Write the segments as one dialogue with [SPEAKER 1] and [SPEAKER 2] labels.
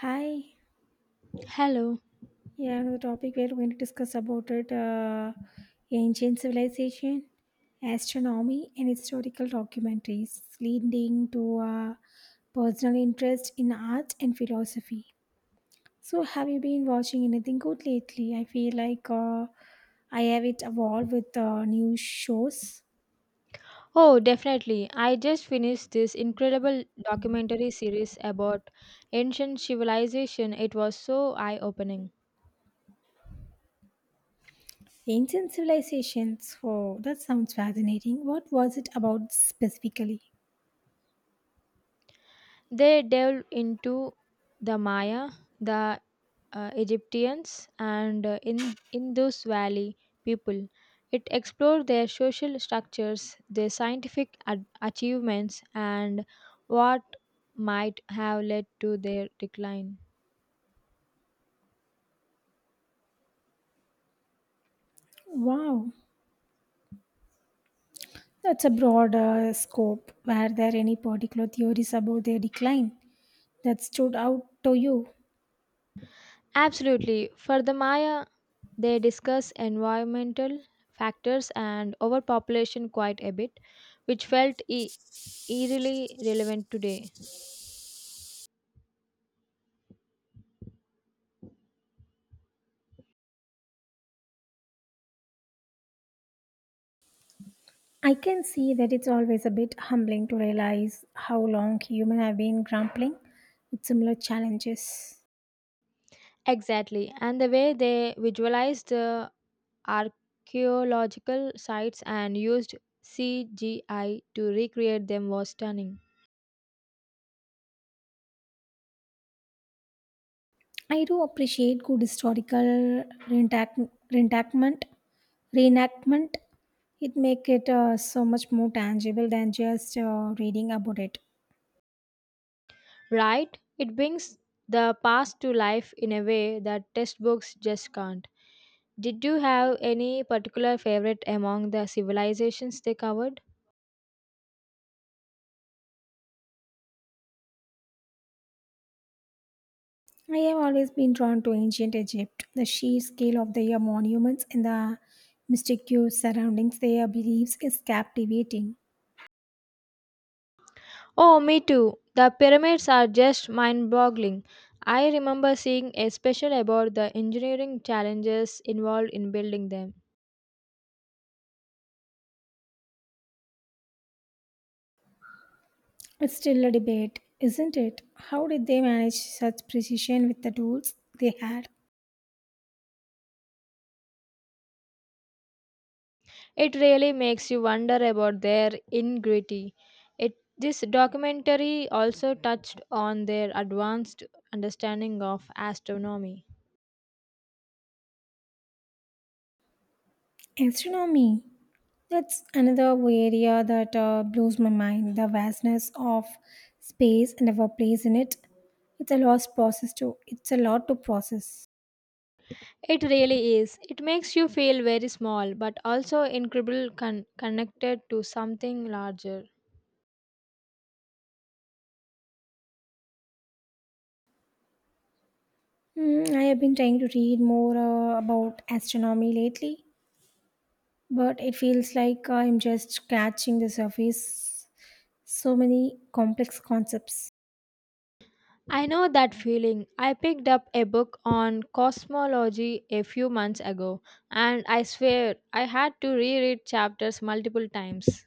[SPEAKER 1] Hi,
[SPEAKER 2] Hello.
[SPEAKER 1] yeah, another topic where we're going to discuss about it ancient civilization, astronomy, and historical documentaries, leading to personal interest in art and philosophy. So, have you been watching anything good lately? I feel like I have it evolved with new shows.
[SPEAKER 2] Oh, definitely. I just finished this incredible documentary series about ancient civilization. It was so eye-opening.
[SPEAKER 1] Ancient civilizations. Oh, that sounds fascinating. What was it about specifically?
[SPEAKER 2] They delved into the Maya, the Egyptians, and in Indus Valley people. It explored their social structures, their scientific ad- achievements, and what might have led to their decline.
[SPEAKER 1] Wow, that's a broad scope. Were there any particular theories about their decline that stood out to you?
[SPEAKER 2] Absolutely. For the Maya, they discuss environmental factors and overpopulation quite a bit, which felt eerily relevant today.
[SPEAKER 1] I can see that it's always a bit humbling to realize how long humans have been grappling with similar challenges.
[SPEAKER 2] Exactly. And the way they visualized the archaeological sites and used CGI to recreate them was stunning.
[SPEAKER 1] I do appreciate good historical reenactment. Reenactment, it make it so much more tangible than just reading about it.
[SPEAKER 2] Right? It brings the past to life in a way that textbooks just can't. Did you have any particular favorite among the civilizations they covered?
[SPEAKER 1] I have always been drawn to ancient Egypt, the sheer scale of their monuments and the mysterious surroundings their beliefs is captivating.
[SPEAKER 2] Oh, me too. The pyramids are just mind boggling. I remember seeing a special about the engineering challenges involved in building them.
[SPEAKER 1] It's still a debate, isn't it? How did they manage such precision with the tools they had?
[SPEAKER 2] It really makes you wonder about their ingenuity. This documentary also touched on their advanced understanding of astronomy.
[SPEAKER 1] Astronomy. That's another area that blows my mind the vastness of space and our place in it. It's a lost process too. It's a lot to process.
[SPEAKER 2] It really is. It makes you feel very small, but also incredibly connected to something larger.
[SPEAKER 1] Hmm, I have been trying to read more about astronomy lately. But it feels like I'm just scratching the surface. So many complex concepts.
[SPEAKER 2] I know that feeling. I picked up a book on cosmology a few months ago, and I swear I had to reread chapters multiple times.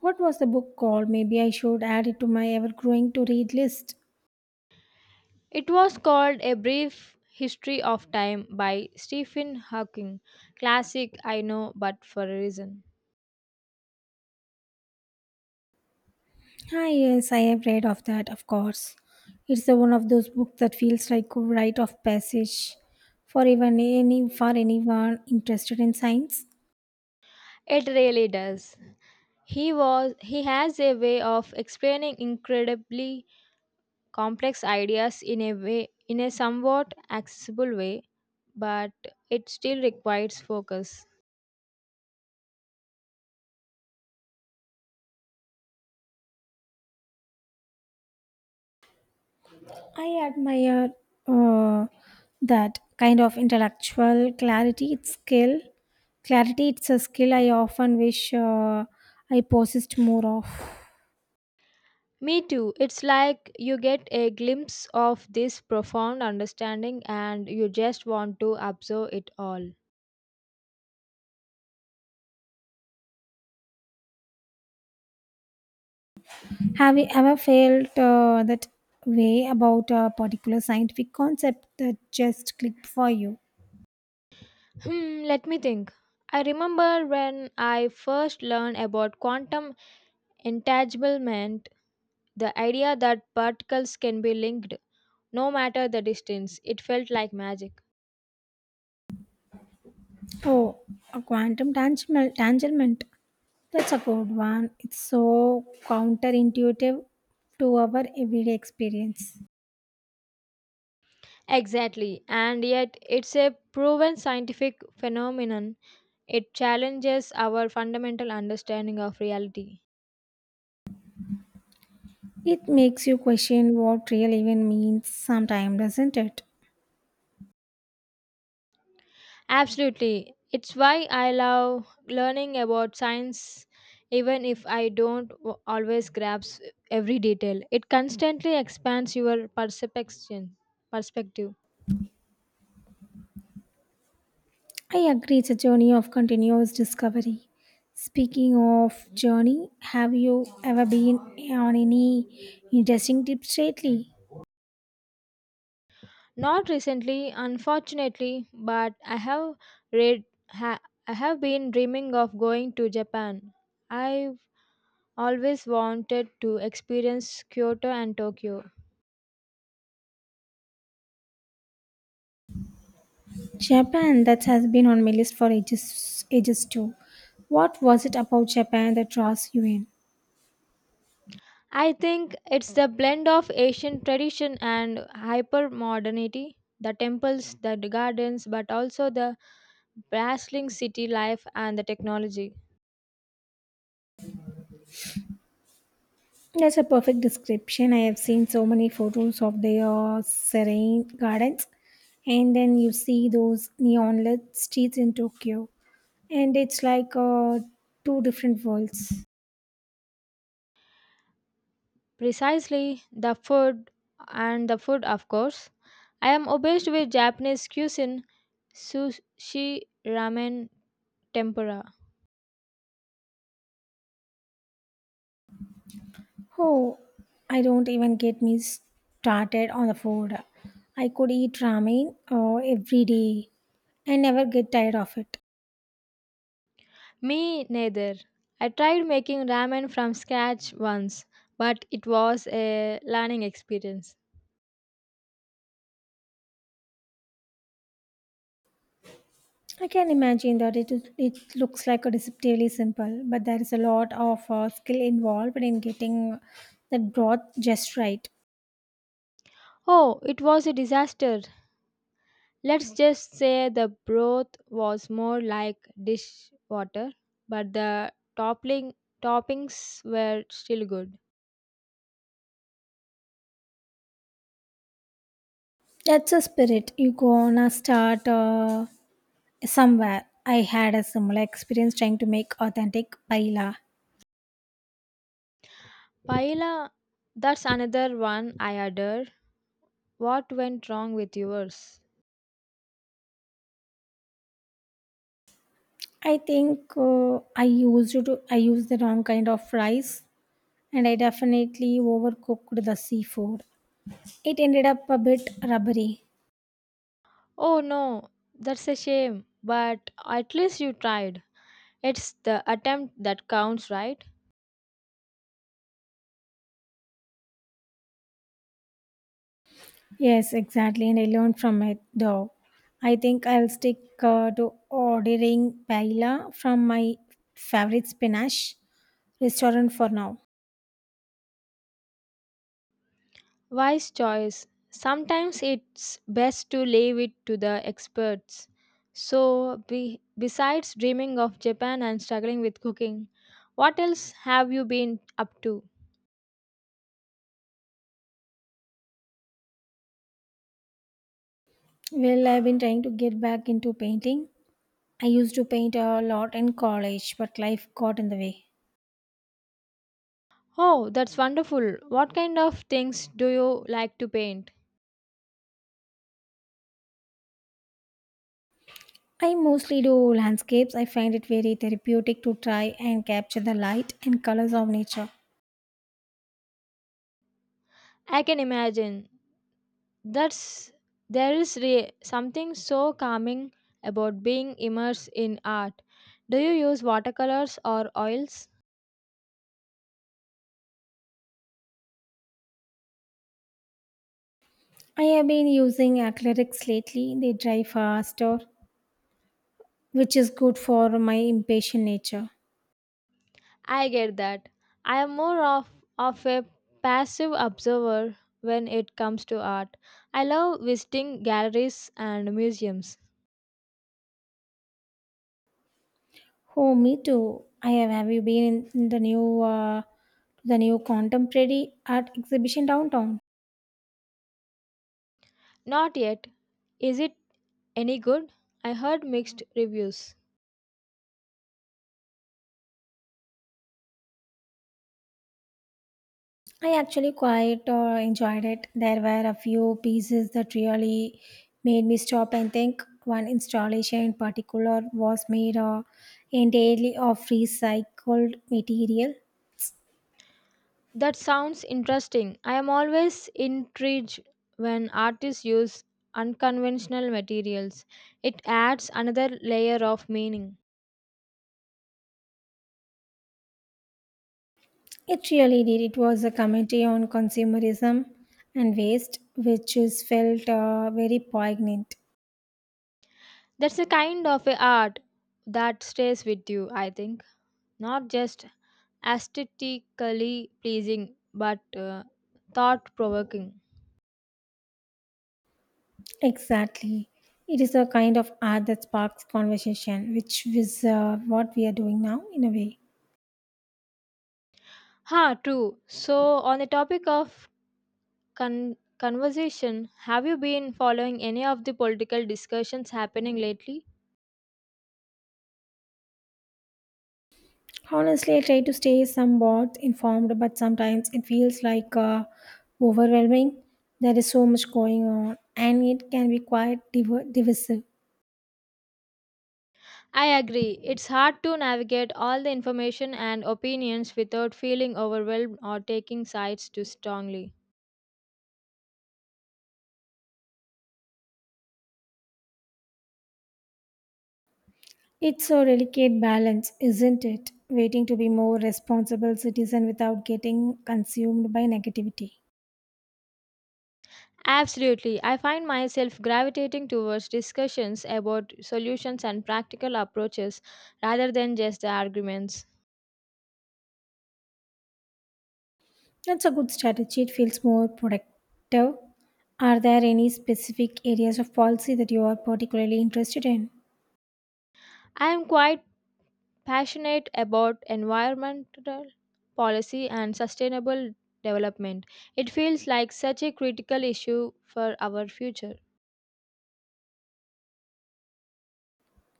[SPEAKER 1] What was the book called? Maybe I should add it to my ever growing to read list.
[SPEAKER 2] It was called A Brief History of Time by Stephen Hawking. Classic, I know, but for a reason.
[SPEAKER 1] Ah, yes, I have read of that, of course. It's the one of those books that feels like a rite of passage for even any for anyone interested in science.
[SPEAKER 2] It really does. He has a way of explaining incredibly complex ideas in a somewhat accessible way, but it still requires focus.
[SPEAKER 1] I admire uh, that kind of intellectual clarity. It's skill. Clarity, it's a skill I often wish I possessed more of.
[SPEAKER 2] Me too, it's like you get a glimpse of this profound understanding and you just want to observe it all.
[SPEAKER 1] Have you ever felt that way about a particular scientific concept that just clicked for you?
[SPEAKER 2] Hmm, let me think. I remember when I first learned about quantum entanglement, the idea that particles can be linked no matter the distance. It felt like magic.
[SPEAKER 1] Oh, a tanglement. That's a good one. It's so counterintuitive to our everyday experience.
[SPEAKER 2] Exactly, and yet it's a proven scientific phenomenon. It challenges our fundamental understanding of reality.
[SPEAKER 1] It makes you question what real even means sometimes, doesn't it?
[SPEAKER 2] Absolutely, it's why I love learning about science, even if I don't always grasp every detail. It constantly expands your perspective.
[SPEAKER 1] I agree, it's a journey of continuous discovery. Speaking of journey, have you ever been on any interesting trips lately?
[SPEAKER 2] Not recently, unfortunately, but I read. Ha- I have been dreaming of going to Japan. I always wanted to experience Kyoto and Tokyo.
[SPEAKER 1] Japan, that has been on my list for ages too. What was it about Japan that draws you in?
[SPEAKER 2] I think it's the blend of Asian tradition and hyper modernity, the temples, the gardens, but also the bustling city life and the technology.
[SPEAKER 1] That's a perfect description. I have seen so many photos of their serene gardens, and then you see those neon lit streets in Tokyo. And it's like two different worlds.
[SPEAKER 2] Precisely, the food and the food, of course. I am obsessed with Japanese cuisine, sushi, ramen, tempura.
[SPEAKER 1] Oh, I don't even get me started on the food. I could eat ramen every day and never get tired of it.
[SPEAKER 2] Me neither. I tried making ramen from scratch once, but it was a learning experience.
[SPEAKER 1] I can imagine that it looks like a deceptively simple, but there is a lot of skill involved in getting that broth just right.
[SPEAKER 2] Oh, it was a disaster. Let's just say the broth was more like dish water, but the toppling toppings were still good.
[SPEAKER 1] That's a spirit. You gonna start somewhere. I had a similar experience trying to make authentic paella.
[SPEAKER 2] Paella, that's another one I adore. What went wrong with yours?
[SPEAKER 1] I think I used the wrong kind of rice and I definitely overcooked the seafood. It ended up a bit rubbery.
[SPEAKER 2] Oh no, that's a shame, but at least you tried. It's the attempt that counts, right?
[SPEAKER 1] Yes, exactly, and I learned from it though. I think I'll stick to ordering paella from my favorite spinach restaurant for now.
[SPEAKER 2] Wise choice. Sometimes it's best to leave it to the experts. So, besides dreaming of Japan and struggling with cooking, what else have you been up to?
[SPEAKER 1] Well, I've been trying to get back into painting. I used to paint a lot in college, but life got in the way.
[SPEAKER 2] Oh, that's wonderful. What kind of things do you like to paint?
[SPEAKER 1] I mostly do landscapes. I find it very therapeutic to try and capture the light and colors of nature.
[SPEAKER 2] I can imagine. That's there is re- something so calming about being immersed in art. Do you use watercolors or oils?
[SPEAKER 1] I have been using acrylics lately. They dry faster, which is good for my impatient nature.
[SPEAKER 2] I get that. I am of a passive observer when it comes to art. I love visiting galleries and museums.
[SPEAKER 1] Oh, me too. I have. Have you been in the the new contemporary art exhibition downtown?
[SPEAKER 2] Not yet. Is it any good? I heard mixed reviews.
[SPEAKER 1] I actually quite enjoyed it. There were a few pieces that really made me stop and think. One installation in particular was made entirely of recycled material.
[SPEAKER 2] That sounds interesting. I am always intrigued when artists use unconventional materials. It adds another layer of meaning.
[SPEAKER 1] It really did. It was a commentary on consumerism and waste, which is felt very poignant.
[SPEAKER 2] That's a kind of a art that stays with you, I think. Not just aesthetically pleasing but thought provoking.
[SPEAKER 1] Exactly. It is a kind of art that sparks conversation, which is what we are doing now in a way.
[SPEAKER 2] Ha, true. So, on the topic of conversation, have you been following any of the political discussions happening lately?
[SPEAKER 1] Honestly, I try to stay somewhat informed, but sometimes it feels like overwhelming. There is so much going on, and it can be quite divisive.
[SPEAKER 2] I agree. It's hard to navigate all the information and opinions without feeling overwhelmed or taking sides too strongly.
[SPEAKER 1] It's a delicate balance, isn't it? Waiting to be more responsible citizen without getting consumed by negativity.
[SPEAKER 2] Absolutely. I find myself gravitating towards discussions about solutions and practical approaches rather than just the arguments.
[SPEAKER 1] That's a good strategy. It feels more productive. Are there any specific areas of policy that you are particularly interested in?
[SPEAKER 2] I am quite passionate about environmental policy and sustainable development. It feels like such a critical issue for our future.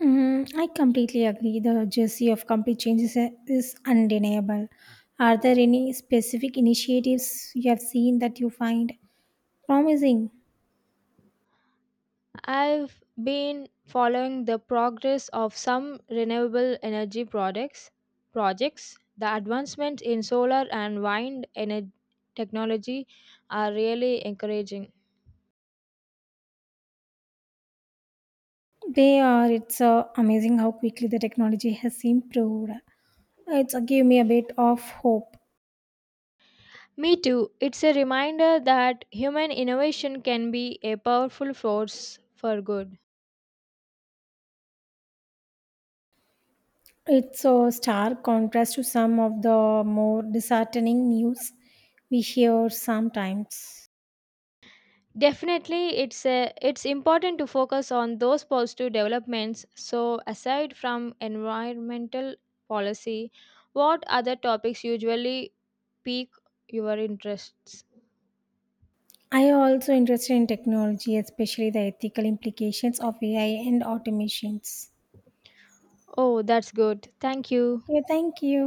[SPEAKER 1] Hmm, I completely agree. The urgency of complete is undeniable. Are there any specific initiatives you have seen that you find promising?
[SPEAKER 2] I've been following the progress of some renewable energy products projects. The advancements in solar and wind energy technology are really encouraging.
[SPEAKER 1] They are. It's amazing how quickly the technology has improved. It's give me a bit of hope.
[SPEAKER 2] Me too. It's a reminder that human innovation can be a powerful force for good.
[SPEAKER 1] It's a stark contrast to some of the more disheartening news we hear sometimes.
[SPEAKER 2] Definitely, it's important to focus on those positive developments. So, aside from environmental policy, what other topics usually pique your interests?
[SPEAKER 1] I am also interested in technology, especially the ethical implications of AI and automations.
[SPEAKER 2] Oh, that's good. Thank you.
[SPEAKER 1] Okay, thank you.